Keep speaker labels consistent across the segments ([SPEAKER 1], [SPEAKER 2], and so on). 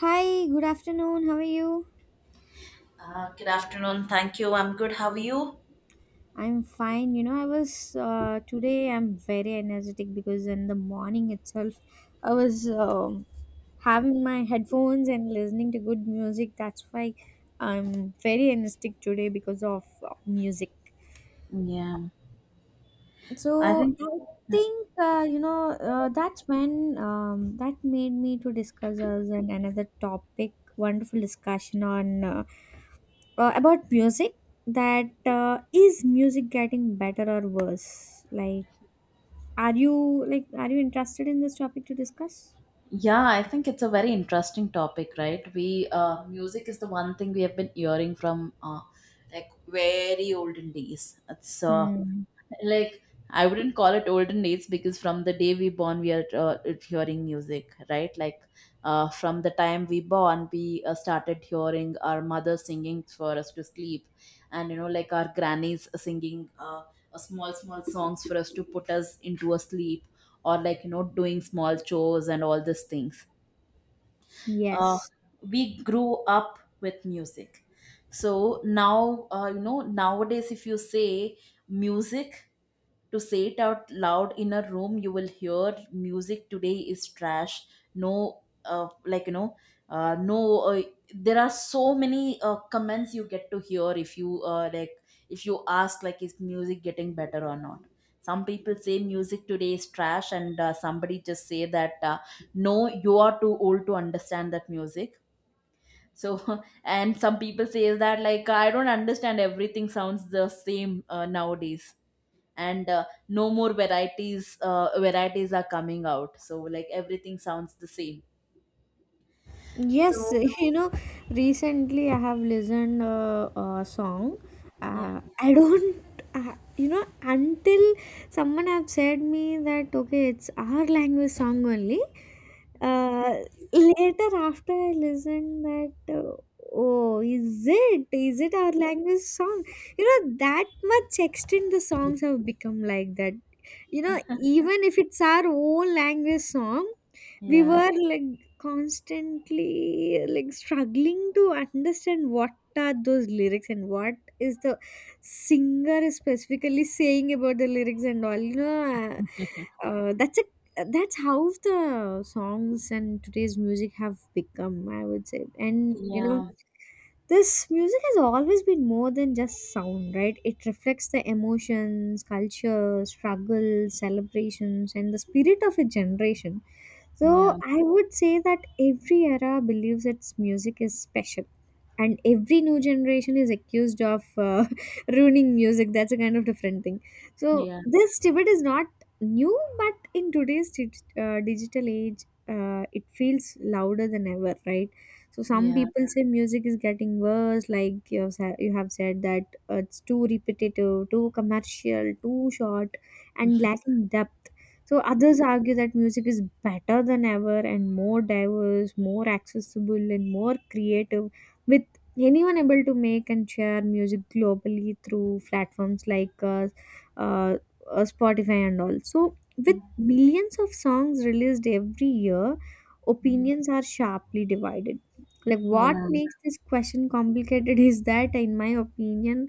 [SPEAKER 1] Hi, good afternoon. How are you?
[SPEAKER 2] Good afternoon. Thank you. I'm good. How are you?
[SPEAKER 1] I'm fine. You know, I was Today I'm very energetic because in the morning itself I was having my headphones and listening to good music. That's why I'm very energetic today because of music.
[SPEAKER 2] Yeah, I
[SPEAKER 1] So
[SPEAKER 2] think.
[SPEAKER 1] I think that's when that made me to discuss us and another topic. Wonderful discussion on about music that is music getting better or worse, like are you, are you interested in this topic to discuss?
[SPEAKER 2] Yeah, I think it's a very interesting topic, right? We Music is the one thing we have been hearing from like very olden days. It's
[SPEAKER 1] Hmm.
[SPEAKER 2] like I wouldn't call it olden days because from the day we born, we are hearing music, right? From the time we born, we started hearing our mother singing for us to sleep, and you know, like our grannies singing small small songs for us to put us into a sleep, or like you know doing small chores and all these things. uh,
[SPEAKER 1] Yes.
[SPEAKER 2] we grew up with music. So now, you know, nowadays if you say music, to say it out loud in a room you will hear music today is trash. No like you know, no uh, there are so many comments you get to hear if you if you ask like is music getting better or not. Some people say music today is trash, and somebody just say that no, you are too old to understand that music. So and some people say that like I don't understand, everything sounds the same nowadays, and no more varieties, varieties are coming out, so like everything sounds the same.
[SPEAKER 1] Yes,
[SPEAKER 2] so
[SPEAKER 1] you know, recently I have listened a song.
[SPEAKER 2] yeah
[SPEAKER 1] I don't, you know, until someone have said me that, okay, it's our language song only. Uh, Later after I listened that, oh, is it? Is it our language song? You know, that much extent the songs have become like that. You know, even if it's our own language song, we
[SPEAKER 2] yeah
[SPEAKER 1] were like constantly like struggling to understand what are those lyrics and what is the singer is specifically saying about the lyrics and all, you know, that's a, that's how the songs and today's music have become, I would say. And you know,
[SPEAKER 2] yeah
[SPEAKER 1] this music has always been more than just sound, right? It reflects the emotions, culture, struggles, celebrations, and the spirit of a generation.
[SPEAKER 2] yeah
[SPEAKER 1] So I would say that every era believes its music is special, and every new generation is accused of ruining music. That's a kind of different thing. So
[SPEAKER 2] yeah
[SPEAKER 1] this debate is not new, but in today's digital age, it feels louder than ever, right? So some
[SPEAKER 2] yeah
[SPEAKER 1] people say music is getting worse, like you have said that it's too repetitive, too commercial, too short, and lacking depth. So others argue that music is better than ever and more diverse, more accessible, and more creative, with anyone able to make and share music globally through platforms like uh, Spotify and all. So with millions of songs released every year, opinions are sharply divided. Like,
[SPEAKER 2] yeah
[SPEAKER 1] what makes this question complicated is that, in my opinion,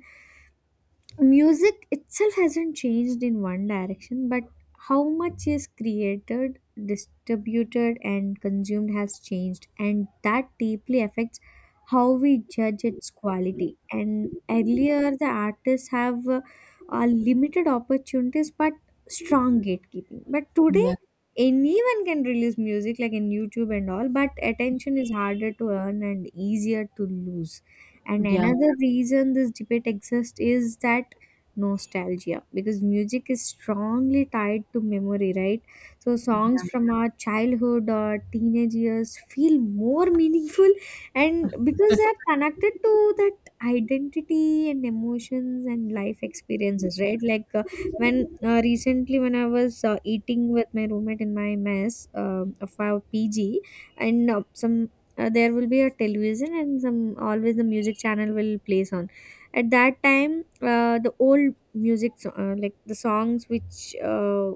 [SPEAKER 1] music itself hasn't changed in one direction, but how much is created, distributed, and consumed has changed, and that deeply affects how we judge its quality. And earlier, the artists have limited opportunities but strong gatekeeping. But today,
[SPEAKER 2] yeah
[SPEAKER 1] anyone can release music like in YouTube and all, but attention is harder to earn and easier to lose. And
[SPEAKER 2] yeah
[SPEAKER 1] another reason this debate exists is that nostalgia, because music is strongly tied to memory, right? So songs
[SPEAKER 2] yeah
[SPEAKER 1] from our childhood or teenage years feel more meaningful, and because they are connected to that identity and emotions and life experiences, right? Like when recently when I was eating with my roommate in my mess of our PG, and some, there will be a television, and some, always the music channel will play songs. At that time, the old music, like the songs which,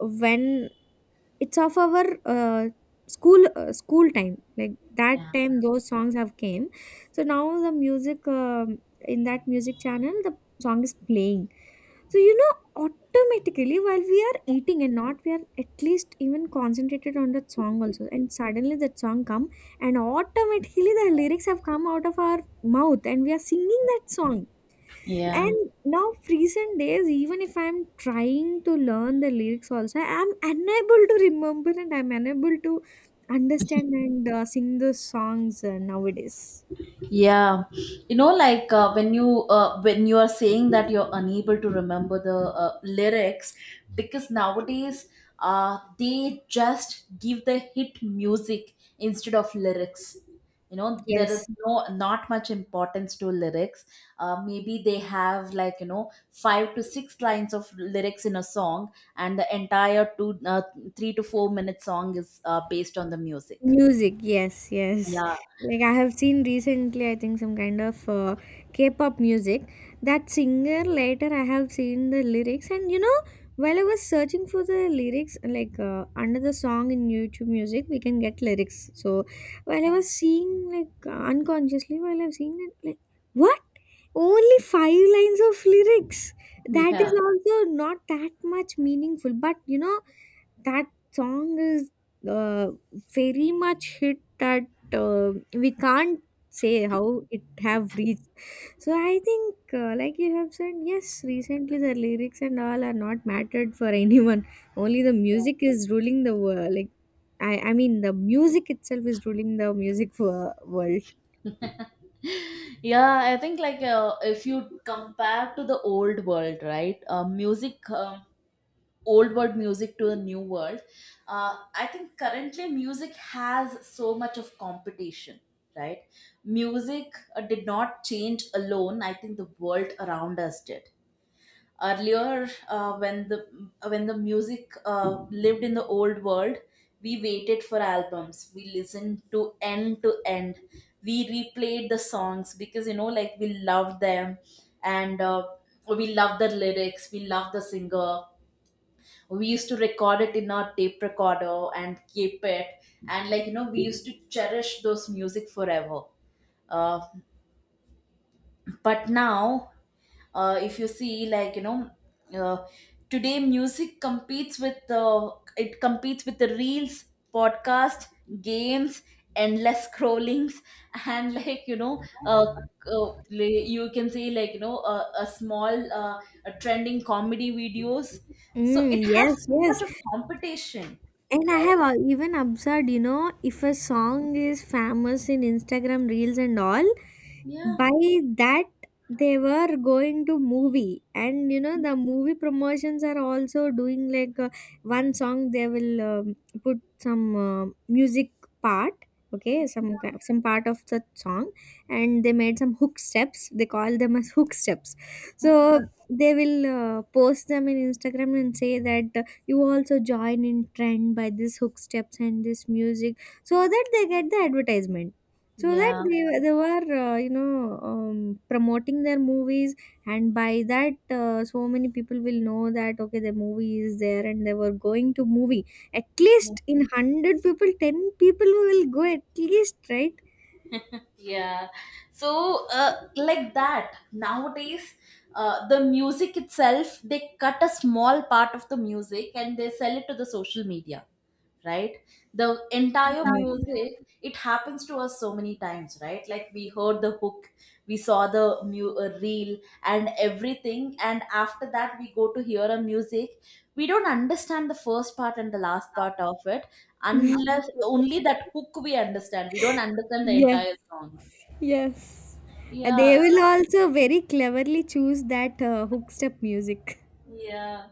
[SPEAKER 1] when it's of our school, school time, like that
[SPEAKER 2] yeah
[SPEAKER 1] time those songs have came. So now the music, in that music channel, the song is playing. So you know, automatically while we are eating and not we are at least even concentrated on that song also, and suddenly that song come, and automatically the lyrics have come out of our mouth and we are singing that song.
[SPEAKER 2] Yeah.
[SPEAKER 1] And now recent days, even if I'm trying to learn the lyrics also, I'm unable to remember and I'm unable to understand and sing the songs nowadays.
[SPEAKER 2] Yeah, you know, like when you are saying that you're unable to remember the lyrics, because nowadays they just give the hit music instead of lyrics. You know, there is
[SPEAKER 1] Yes.
[SPEAKER 2] no not much importance to lyrics. Maybe they have like you know 5 to 6 lines of lyrics in a song, and the entire two 3 to 4 minute song is based on the music.
[SPEAKER 1] Music, yes, yes.
[SPEAKER 2] Yeah,
[SPEAKER 1] Like I have seen recently, I think some kind of K-pop music. That singer, later I have seen the lyrics, and you know, while I was searching for the lyrics, like under the song in YouTube Music, we can get lyrics. So while I was seeing, like unconsciously, while I was seeing that, like, what? Only five lines of lyrics. That
[SPEAKER 2] yeah.
[SPEAKER 1] is also not that much meaningful, but you know, that song is. Uh, Very much hit that we can't say how it have reached. So I think like you have said, yes, recently the lyrics and all are not mattered for anyone, only the music is ruling the world. Like I mean the music itself is ruling the music for world.
[SPEAKER 2] Yeah I think like, if you compare to the old world, right? Music Old world music to the new world. I think currently music has so much of competition, right? Music did not change alone, I think the world around us did. Earlier, when the music lived in the old world, we waited for albums, we listened to end to end, we replayed the songs because you know like we loved them. And we loved the lyrics, we loved the singer. We used to record it in our tape recorder and keep it, and like you know we used to cherish those music forever. uh, but now, if you see like you know, uh, today music competes with it competes with the reels, podcast, games, endless scrollings, and like you know, you can say like you know a small a trending comedy videos. So it
[SPEAKER 1] Mm,
[SPEAKER 2] has
[SPEAKER 1] yes,
[SPEAKER 2] so much
[SPEAKER 1] yes.
[SPEAKER 2] of competition,
[SPEAKER 1] And I
[SPEAKER 2] right?
[SPEAKER 1] have even observed, you know, if a song is famous in Instagram Reels and all, by
[SPEAKER 2] yeah
[SPEAKER 1] that they were going to movie. And you know, the movie promotions are also doing like, one song they will put some music part, okay, some some part of the song, and they made some hook steps, they call them as hook steps. So they will post them in Instagram and say that, you also join in trend by this hook steps and this music, so that they get the advertisement, so that
[SPEAKER 2] yeah
[SPEAKER 1] they were promoting their movies. And by that so many people will know that, okay, the movie is there, and they were going to movie. At
[SPEAKER 2] yeah
[SPEAKER 1] least in 100 people, 10 people will go at least, right?
[SPEAKER 2] Yeah. So, like that, nowadays, the music itself, they cut a small part of the music and they sell it to the social media, right? The entire music, it happens to us so many times, right? Like we heard the hook, we saw the reel and everything. And after that, we go to hear a music. We don't understand the first part and the last part of it,
[SPEAKER 1] Yes.
[SPEAKER 2] unless only that hook we understand. We don't understand the
[SPEAKER 1] Yes.
[SPEAKER 2] entire song.
[SPEAKER 1] Yes. And
[SPEAKER 2] yeah.
[SPEAKER 1] they
[SPEAKER 2] So,
[SPEAKER 1] will also very cleverly choose that hook step music.
[SPEAKER 2] yeah.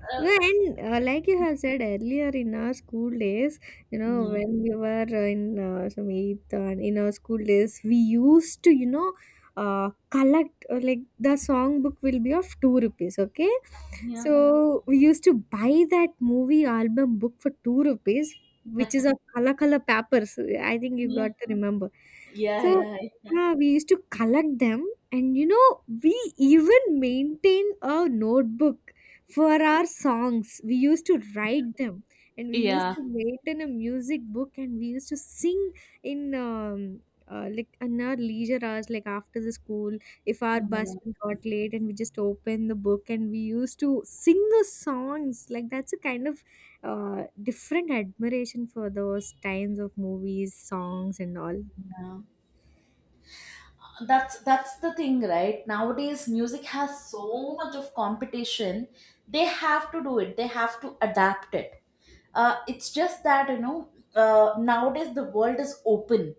[SPEAKER 2] Uh,
[SPEAKER 1] No. And like you have said earlier, in our school days, you know,
[SPEAKER 2] yeah.
[SPEAKER 1] when we were in some eighth and in our school days, we used to, you know, collect like, the song book will be of two rupees, okay?
[SPEAKER 2] Yeah.
[SPEAKER 1] So we used to buy that movie album book for two rupees, which is of color color papers. I think you
[SPEAKER 2] Yeah.
[SPEAKER 1] got to remember. So
[SPEAKER 2] Yeah. Yeah.
[SPEAKER 1] we used to collect them, and you know, we even maintain a notebook for our songs, we used to write them. And we used
[SPEAKER 2] Yeah.
[SPEAKER 1] to write in a music book, and we used to sing in like in our leisure hours, like after the school, if our bus
[SPEAKER 2] Yeah.
[SPEAKER 1] got late, and we just opened the book and we used to sing the songs. Like that's a kind of different admiration for those times of movies songs and all.
[SPEAKER 2] yeah. That's the thing, right? Nowadays, music has so much of competition. They have to do it. They have to adapt it. It's just that you know, nowadays the world is open.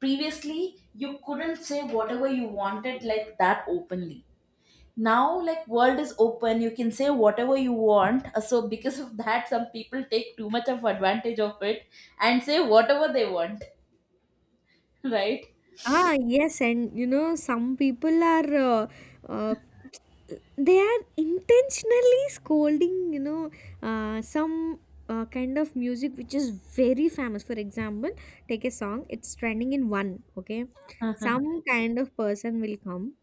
[SPEAKER 2] Previously, you couldn't say whatever you wanted like that openly. Now like world is open, you can say whatever you want. So because of that, some people take too much of advantage of it and say whatever they want. Right?
[SPEAKER 1] Ah, yes. And you know, some people are uh, they are intentionally scolding, you know, some kind of music which is very famous. For example, take a song, it's trending in one, okay?
[SPEAKER 2] Mhm.
[SPEAKER 1] Some kind of person will come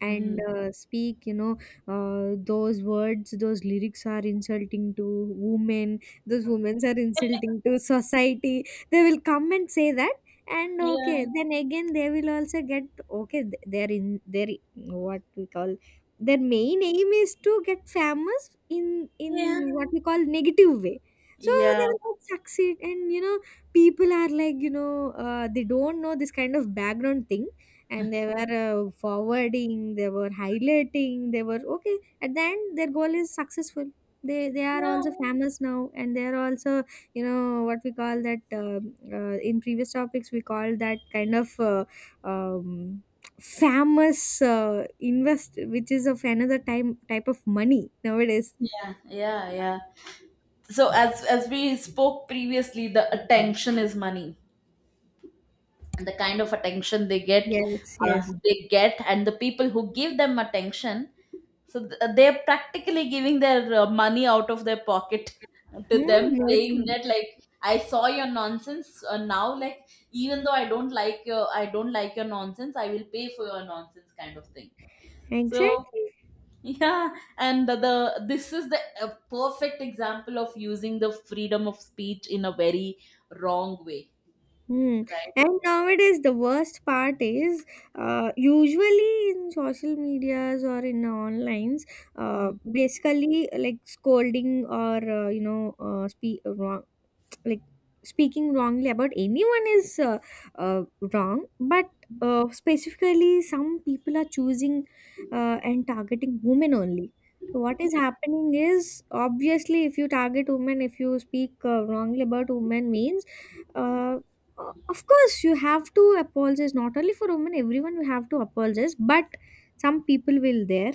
[SPEAKER 1] and
[SPEAKER 2] Mm.
[SPEAKER 1] speak, you know, those words, those lyrics are insulting to women, those women are insulting to society. They will come and say that, and
[SPEAKER 2] yeah
[SPEAKER 1] okay, then again they will also get, okay, they're in their, what we call, their main aim is to get famous in,
[SPEAKER 2] yeah
[SPEAKER 1] what we call, negative way. So they
[SPEAKER 2] yeah
[SPEAKER 1] will not succeed. And you know, people are like, you know, they don't know this kind of background thing, and they were forwarding, they were highlighting, they were, okay, at the end their goal is successful. They are
[SPEAKER 2] yeah
[SPEAKER 1] also famous now, and they are also, you know, what we call that, in previous topics we call that kind of um, famous invest, which is of another time type of money nowadays.
[SPEAKER 2] yeah yeah yeah So as we spoke previously, the attention is money, and the kind of attention they get,
[SPEAKER 1] Yes, yes.
[SPEAKER 2] they get, and the people who give them attention. So they're practically giving their money out of their pocket to them,
[SPEAKER 1] Hmm.
[SPEAKER 2] saying that
[SPEAKER 1] That's—
[SPEAKER 2] like I saw your nonsense now. Like even though I don't like your I don't like your nonsense, I will pay for your nonsense kind of thing. So
[SPEAKER 1] Exactly.
[SPEAKER 2] yeah, and the this is the perfect example of using the freedom of speech in a very wrong way,
[SPEAKER 1] Hmm.
[SPEAKER 2] right?
[SPEAKER 1] And nowadays, the worst part is usually in social medias or in onlines, uh,
[SPEAKER 2] Mm.
[SPEAKER 1] basically like scolding or speak, like speaking wrongly about anyone is uh, wrong. But specifically some people are choosing and targeting women only. So what is happening is obviously if you target women, if you speak wrongly about women means, uh, of course you have to apologize. Not only for women, everyone you have to apologize. But some people will there,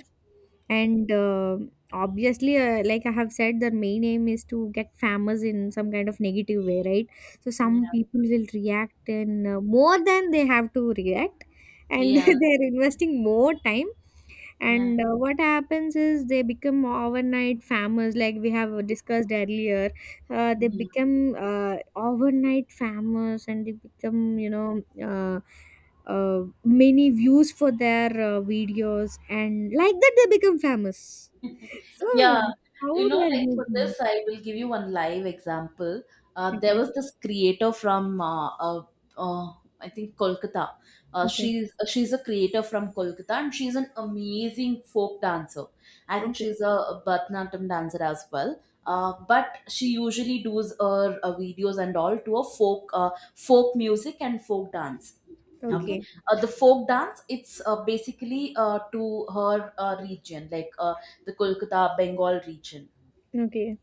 [SPEAKER 1] and obviously like I have said, their main aim is to get famous in some kind of negative way, right? So
[SPEAKER 2] Yeah,
[SPEAKER 1] some people will react in, more than they have to react, and
[SPEAKER 2] yeah,
[SPEAKER 1] they're investing more time.
[SPEAKER 2] yeah.
[SPEAKER 1] And what happens is they become overnight famous, like we have discussed earlier. They become overnight famous and they become, you know, many views for their videos, and like that they become famous. So
[SPEAKER 2] Yeah, you
[SPEAKER 1] how they
[SPEAKER 2] know,
[SPEAKER 1] are
[SPEAKER 2] like for
[SPEAKER 1] using
[SPEAKER 2] this,
[SPEAKER 1] it.
[SPEAKER 2] I will give you one live example. There
[SPEAKER 1] Okay.
[SPEAKER 2] was this creator from uh, I think Kolkata.
[SPEAKER 1] Okay.
[SPEAKER 2] She's a creator from Kolkata, and she's an amazing folk dancer. I think
[SPEAKER 1] Okay.
[SPEAKER 2] she's a Bharatanatyam dancer as well. But she usually does her videos and all to a folk folk music and folk dance, okay?
[SPEAKER 1] Okay.
[SPEAKER 2] The folk dance, it's basically to her region, like the Kolkata Bengal region.
[SPEAKER 1] Okay.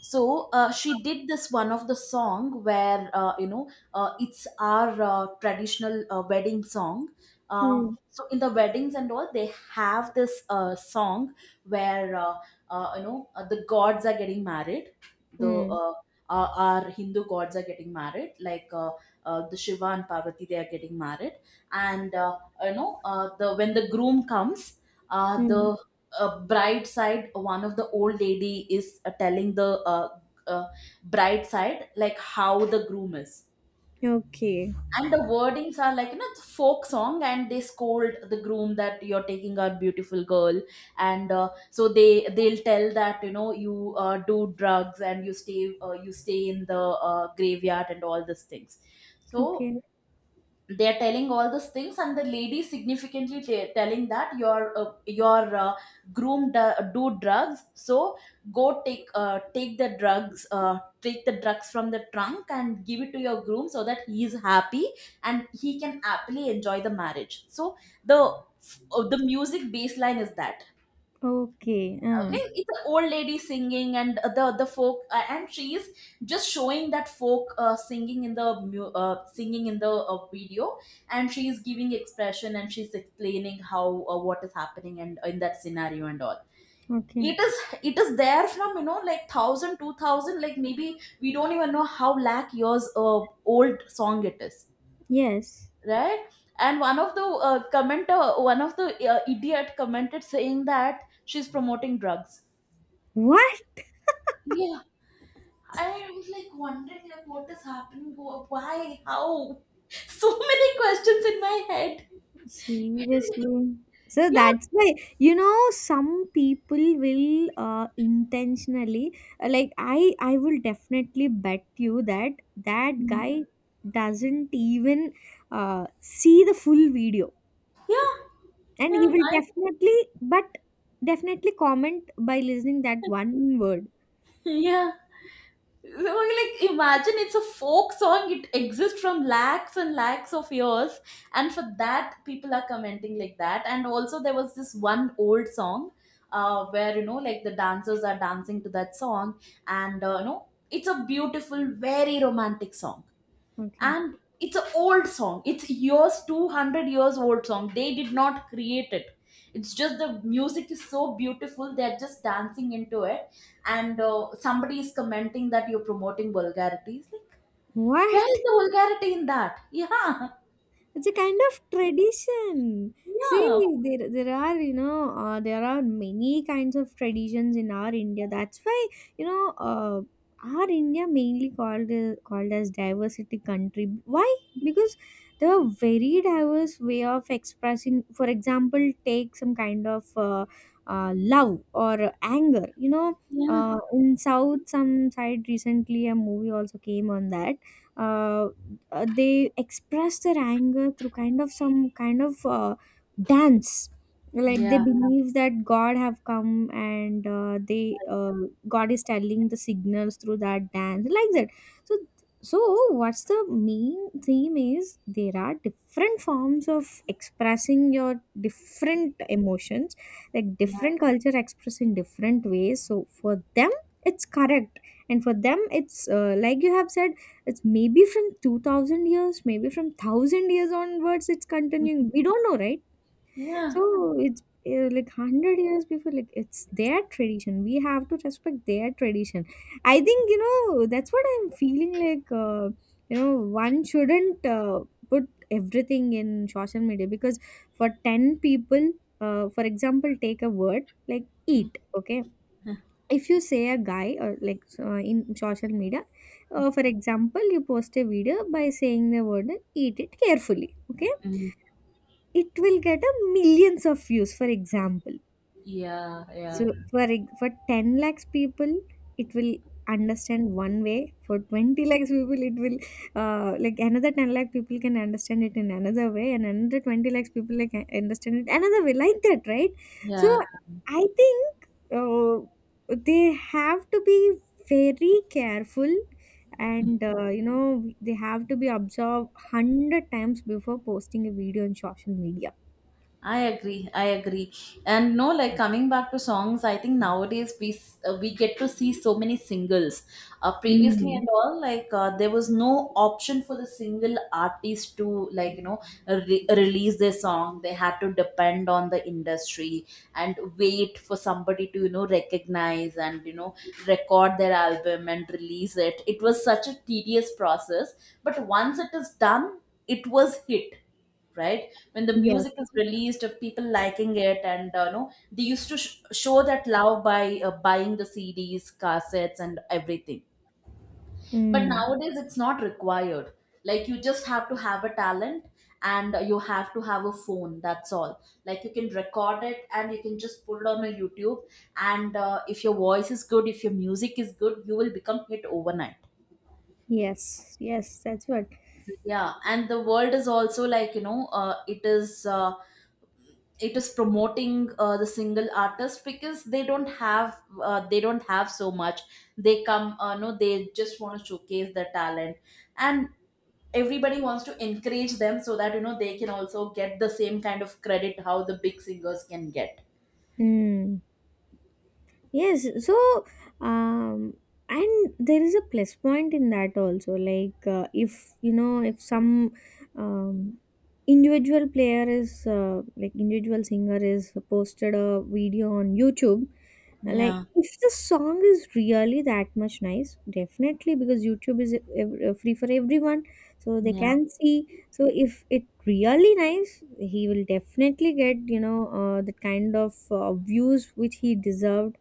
[SPEAKER 2] So she did this one of the song where you know it's our traditional wedding song. uh,
[SPEAKER 1] Hmm.
[SPEAKER 2] so in the weddings and all, they have this song where you know the gods are getting married, the
[SPEAKER 1] Hmm.
[SPEAKER 2] our Hindu gods are getting married, like the Shiva and Parvati, they are getting married. And you know, the when the groom comes, the
[SPEAKER 1] Hmm.
[SPEAKER 2] bride side, one of the old lady is telling the uh, bride side like how the groom is,
[SPEAKER 1] Okay.
[SPEAKER 2] and the wordings are like you know it's folk song and they scold the groom that you're taking our beautiful girl, and so they'll tell that you know you do drugs and you stay in the graveyard and all these things. So
[SPEAKER 1] Okay.
[SPEAKER 2] they are telling all those things, and the lady significantly telling that your groom do drugs, so go take take the drugs from the trunk and give it to your groom so that he is happy and he can happily enjoy the marriage. So the the music baseline is that,
[SPEAKER 1] Okay.
[SPEAKER 2] okay it's an old lady singing, and the folk, and she is just showing that folk singing in the singing in the video, and she is giving expression and she's explaining how what is happening and in that scenario and all.
[SPEAKER 1] Okay.
[SPEAKER 2] It is it is there from you know like thousand two thousand, like maybe we don't even know how lakh years old song it is,
[SPEAKER 1] Yes.
[SPEAKER 2] right? And one of the commenter, one of the idiot commented saying that she's promoting drugs.
[SPEAKER 1] What?
[SPEAKER 2] Yeah. I was like wondering like what is happening, why, how? So many questions in my head.
[SPEAKER 1] Seriously. So
[SPEAKER 2] Yeah,
[SPEAKER 1] that's why, you know, some people will intentionally, like, I will definitely bet you that that guy doesn't even see the full video.
[SPEAKER 2] yeah,
[SPEAKER 1] And
[SPEAKER 2] yeah,
[SPEAKER 1] he will
[SPEAKER 2] I,
[SPEAKER 1] definitely, but definitely comment by listening that one word.
[SPEAKER 2] yeah. So, like imagine it's a folk song. It exists from lakhs and lakhs of years, and for that people are commenting like that. And also there was this one old song, where you know like the dancers are dancing to that song, and you know it's a beautiful, very romantic song,
[SPEAKER 1] Okay.
[SPEAKER 2] and it's an old song, it's years 200 years old song, they did not create it, it's just the music is so beautiful, they're just dancing into it. And somebody is commenting that you're promoting vulgarity. It's like, where is
[SPEAKER 1] What?
[SPEAKER 2] the vulgarity in that? yeah
[SPEAKER 1] It's a kind of tradition. See,
[SPEAKER 2] yeah
[SPEAKER 1] there are, you know, there are many kinds of traditions in our India. That's why, you know, our India mainly called called as diversity country. Why? Because there are very diverse way of expressing. For example, take some kind of love or anger. You know, in South some side recently a movie also came on that uh, they express their anger through kind of some kind of dance like they
[SPEAKER 2] yeah
[SPEAKER 1] believe that god have come and they god is telling the signals through that dance like that, so so what's the main theme is there are different forms of expressing your different emotions, like
[SPEAKER 2] yeah
[SPEAKER 1] different culture express in different ways. So for them it's correct, and for them it's like you have said, it's maybe from 2000 years, maybe from 1000 years onwards it's
[SPEAKER 2] yeah
[SPEAKER 1] continuing, we don't know, right?
[SPEAKER 2] Yeah.
[SPEAKER 1] So it's like 100 years before, like it's their tradition, we have to respect their tradition. I think, you know, that's what I'm feeling like, you know, one shouldn't put everything in social media, because for 10 people, for example, take a word like eat, okay? If you say a guy or like so, in social media, for example, you post a video by saying the word eat it carefully, okay,
[SPEAKER 2] Mm.
[SPEAKER 1] it will get a millions of views, for example.
[SPEAKER 2] yeah
[SPEAKER 1] So
[SPEAKER 2] yeah
[SPEAKER 1] For 10 lakhs people, it will understand one way. For 20 lakhs people, it will, like another 10 lakh people can understand it in another way, and another 20 lakhs people like understand it another way, like that, right? So
[SPEAKER 2] yeah
[SPEAKER 1] I think they have to be very careful, and you know, they have to be observed 100 times before posting a video on social media.
[SPEAKER 2] I agree. I agree. And no, like coming back to songs, I think nowadays we get to see so many singles. Previously
[SPEAKER 1] Mm.
[SPEAKER 2] and all, like there was no option for the single artist to like you know release their song. They had to depend on the industry and wait for somebody to you know recognize and you know record their album and release it. It was such a tedious process, but once it is done, it was hit right when the
[SPEAKER 1] Yes.
[SPEAKER 2] music is released of people liking it. And no They used to show that love by buying the cds, cassettes and everything, but
[SPEAKER 1] Mm.
[SPEAKER 2] nowadays it's not required. Like, you just have to have a talent and you have to have a phone, that's all. Like, you can record it and you can just put it on a YouTube, and if your voice is good, if your music is good, you will become hit overnight.
[SPEAKER 1] Yes, yes, that's what.
[SPEAKER 2] Yeah, and the world is also, like, you know, it is promoting the single artist because they don't have so much. They come no They just want to showcase their talent, and everybody wants to encourage them so that, you know, they can also get the same kind of credit how the big singers can get.
[SPEAKER 1] Hmm. Yes, so um, and there is a plus point in that also. Like if you know if some um, individual player is like individual singer is posted a video on YouTube, like
[SPEAKER 2] Yeah,
[SPEAKER 1] if the song is really that much nice, definitely because YouTube is free for everyone, so they
[SPEAKER 2] yeah,
[SPEAKER 1] can see. So if it really nice, he will definitely get, you know, the kind of views which he deserved,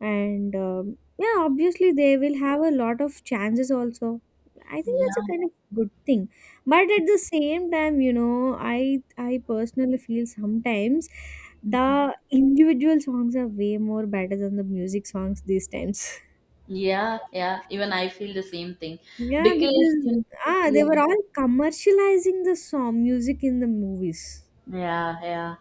[SPEAKER 1] and yeah, obviously they will have a lot of chances also. I think
[SPEAKER 2] yeah,
[SPEAKER 1] that's a kind of good thing, but at the same time, you know, I personally feel sometimes the individual songs are way more better than the music songs these times.
[SPEAKER 2] yeah, yeah, even I feel the same thing.
[SPEAKER 1] Yeah,
[SPEAKER 2] because
[SPEAKER 1] because
[SPEAKER 2] in,
[SPEAKER 1] ah, they
[SPEAKER 2] yeah,
[SPEAKER 1] were all commercializing the song music in the movies.
[SPEAKER 2] yeah, yeah,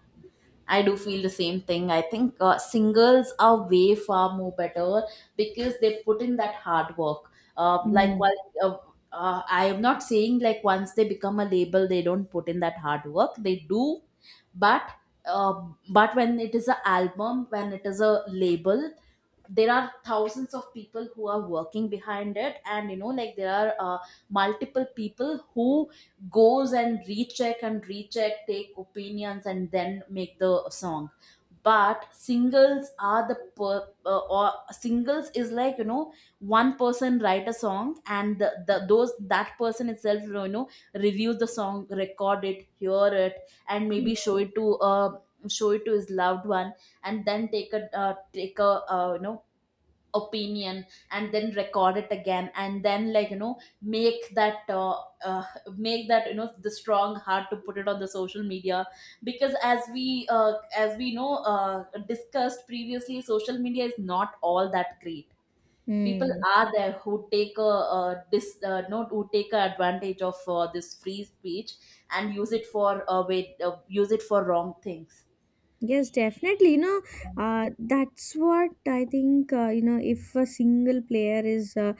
[SPEAKER 2] I do feel the same thing. I think singles are way far more better because they put in that hard work. Uh, like,
[SPEAKER 1] Mm.
[SPEAKER 2] while, I am not saying like once they become a label, they don't put in that hard work. They do, but uh, but when it is an album, when it is a label, there are thousands of people who are working behind it, and you know, like, there are multiple people who goes and recheck and recheck, take opinions and then make the song. But singles are the per, or singles is, like, you know, one person write a song, and the those that person itself, you know, reviews the song, record it, hear it, and maybe show it to his loved one, and then take a take a you know, opinion, and then record it again and then, like, you know, make that make that, you know, the strong heart to put it on the social media, because as we know, discussed previously, social media is not all that great. People
[SPEAKER 1] Mm.
[SPEAKER 2] are there who take a, dis not who take a advantage of this free speech and use it for wait use it for wrong things.
[SPEAKER 1] Yes, definitely. You know, that's what I think. You know, if a single player is,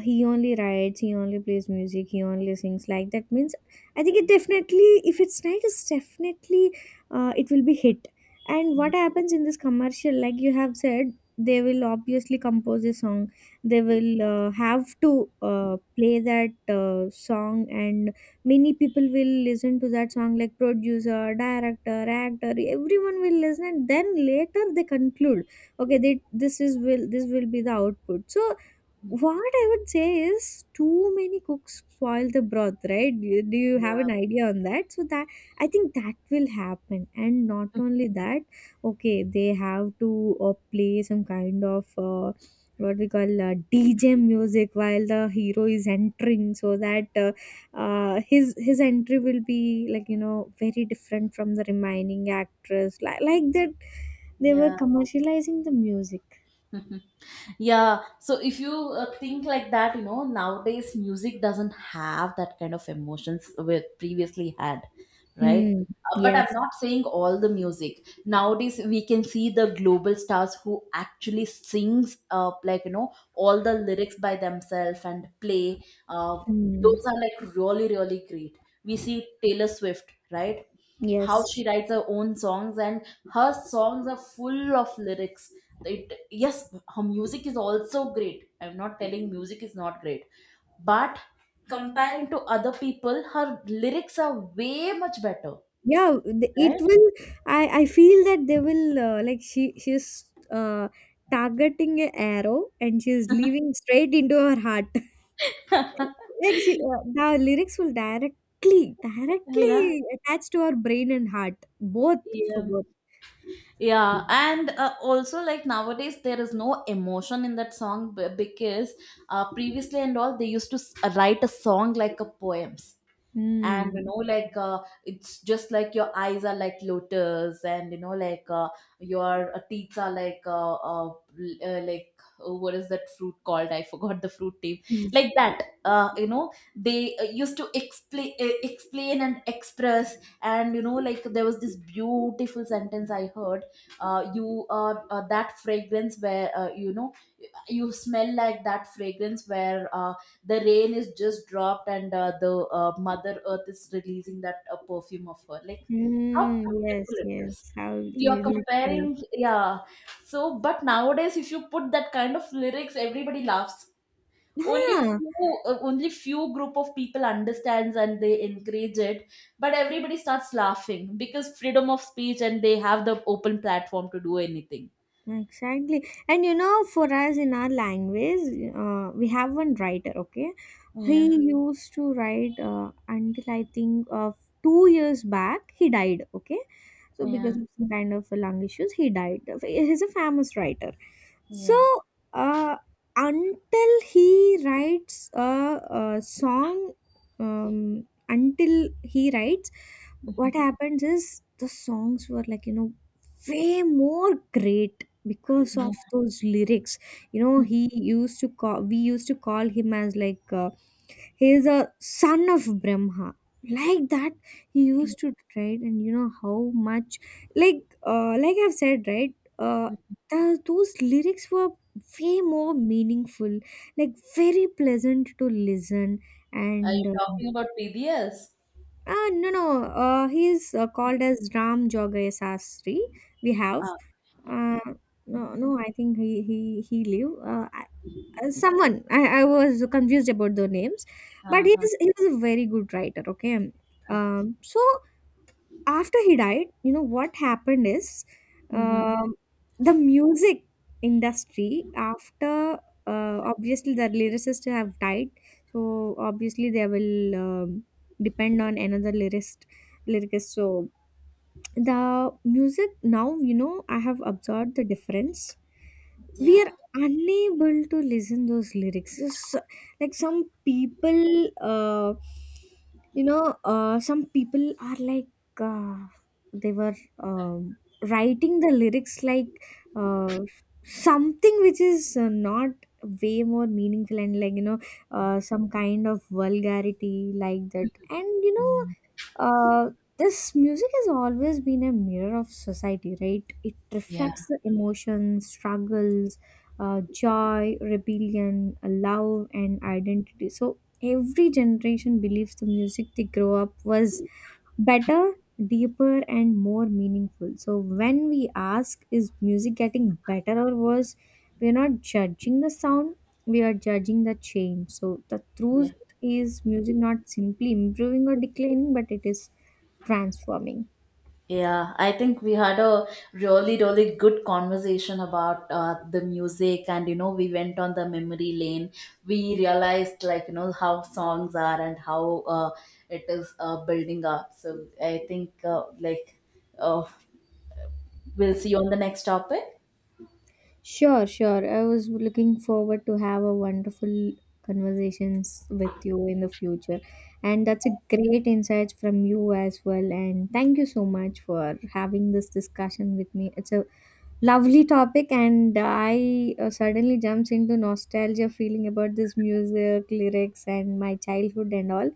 [SPEAKER 1] he only writes, he only plays music, he only sings. Like that means, I think it definitely, if it's nice, it's definitely, it will be hit. And what happens in this commercial, like you have said, they will obviously compose a song. They will have to play that song, and many people will listen to that song, like producer, director, actor, everyone will listen, and then later they conclude, okay, this is will, this will be the output. So what I would say is too many cooks spoil the broth, right? Do you have
[SPEAKER 2] Yeah.
[SPEAKER 1] an idea on that? So that I think that will happen, and not only that, okay, they have to play some kind of, what we call, DJ music while the hero is entering, so that his his entry will be like, you know, very different from the remaining actress, like that they were
[SPEAKER 2] Yeah,
[SPEAKER 1] commercializing the music.
[SPEAKER 2] yeah. Yeah, so if you think like that, you know, nowadays music doesn't have that kind of emotions we previously had, right?
[SPEAKER 1] Mm,
[SPEAKER 2] But I'm
[SPEAKER 1] yes.
[SPEAKER 2] not saying all the music. Nowadays we can see the global stars who actually sings, like, you know, all the lyrics by themselves and play. uh,
[SPEAKER 1] Mm.
[SPEAKER 2] those are like really, really great. We see Taylor Swift, right? How
[SPEAKER 1] Yes.
[SPEAKER 2] she writes her own songs, and her songs are full of lyrics. It Yes, her music is also great, I'm not telling music is not great, but comparing to other people, her lyrics are way much better.
[SPEAKER 1] Yeah, it will. I feel that they will, she's targeting a arrow, and she's leaving straight into her heart.
[SPEAKER 2] Right.
[SPEAKER 1] Like she, the lyrics will directly
[SPEAKER 2] Yeah,
[SPEAKER 1] directly attach to her brain and heart, both for
[SPEAKER 2] yeah,
[SPEAKER 1] both.
[SPEAKER 2] yeah, and also, like, nowadays there is no emotion in that song, because previously and all, they used to write a song like a poem, and you
[SPEAKER 1] Hmm.
[SPEAKER 2] know, like, it's just like your eyes are like lotus, and you know, like, your teeth are like like, what is that fruit called, I forgot the fruit name. Like that, you know, they used to explain, explain and express, and you know, like, there was this beautiful sentence I heard. You are that fragrance where, you know, you smell like that fragrance where, the rain is just dropped, and the mother earth is releasing that perfume of her. Like, how
[SPEAKER 1] Hmm. Yes.
[SPEAKER 2] beautiful it is.
[SPEAKER 1] Yes. How
[SPEAKER 2] You're
[SPEAKER 1] literally.
[SPEAKER 2] comparing, yeah. So but nowadays if you put that kind of lyrics, everybody laughs. Only
[SPEAKER 1] Yeah.
[SPEAKER 2] few, only few group of people understands and they encourage it, but everybody starts laughing because freedom of speech and they have the open platform to do anything.
[SPEAKER 1] Exactly. And you know, for us in our language, we have one writer, okay?
[SPEAKER 2] Yeah,
[SPEAKER 1] He used to write until I think of 2 years back, he died, okay? So,
[SPEAKER 2] yeah,
[SPEAKER 1] because of some kind of lung issues, he died. He's a famous writer. So,
[SPEAKER 2] yeah,
[SPEAKER 1] uh, until he writes a song, until he writes, what happens is the songs were like, you know, way more great because of those lyrics. You know,
[SPEAKER 2] yeah.
[SPEAKER 1] he used to call we used to call him as like, he is a son of Brahma, like that. He used to right, and you know how much, like, like I've said, right, those lyrics were way more meaningful, like very pleasant to listen.
[SPEAKER 2] Are
[SPEAKER 1] And
[SPEAKER 2] you talking about PDS?
[SPEAKER 1] no no he is called as Ram Jogay Sastri. We have
[SPEAKER 2] Uh,
[SPEAKER 1] uh, no, no, I think he live. I was confused about the names, but
[SPEAKER 2] uh-huh.
[SPEAKER 1] he was a very good writer. Okay,
[SPEAKER 2] uh, uh.
[SPEAKER 1] so after he died, you know what happened is,
[SPEAKER 2] Mhm.
[SPEAKER 1] um, the music industry after, obviously the lyricists have died, so obviously they will, depend on another lyricist. So the music now, you know, I have observed the difference.
[SPEAKER 2] Yeah.
[SPEAKER 1] We are unable to listen those lyrics. Just, like some people, some people are like, uh, they were, writing the lyrics like, uh, something which is not way more meaningful, and like, you know, some kind of vulgarity, like that. And you know,
[SPEAKER 2] Mm.
[SPEAKER 1] uh, this music has always been a mirror of society, right? It
[SPEAKER 2] Yeah,
[SPEAKER 1] reflects the emotions, struggles, joy, rebellion, love, and identity. So every generation believes the music they grow up was better, deeper, and more meaningful. So when we ask, is music getting better or worse? We are not judging the sound, we are judging the change. So the
[SPEAKER 2] yeah,
[SPEAKER 1] truth is music not simply improving or declining, but it is transforming.
[SPEAKER 2] yeah. I think we had a really, really good conversation about the music, and you know, we went on the memory lane. We realized, like, you know, how songs are and how uh, it is building up. So I think, like, uh, we'll see you on the next topic.
[SPEAKER 1] Sure, sure, I was looking forward to have a wonderful conversations with you in the future, and that's a great insight from you as well, and thank you so much for having this discussion with me. It's a lovely topic, and I, suddenly jumps into nostalgia feeling about this music lyrics and my childhood and all.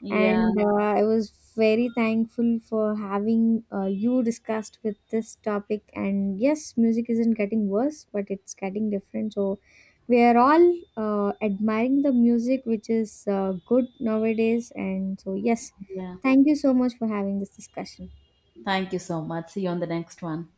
[SPEAKER 2] Yeah,
[SPEAKER 1] And I was very thankful for having you discussed with this topic. And yes, music isn't getting worse, but it's getting different. So we are all admiring the music, which is good nowadays. And so yes,
[SPEAKER 2] yeah.
[SPEAKER 1] thank you so much for having this discussion.
[SPEAKER 2] Thank you so much. See you on the next one.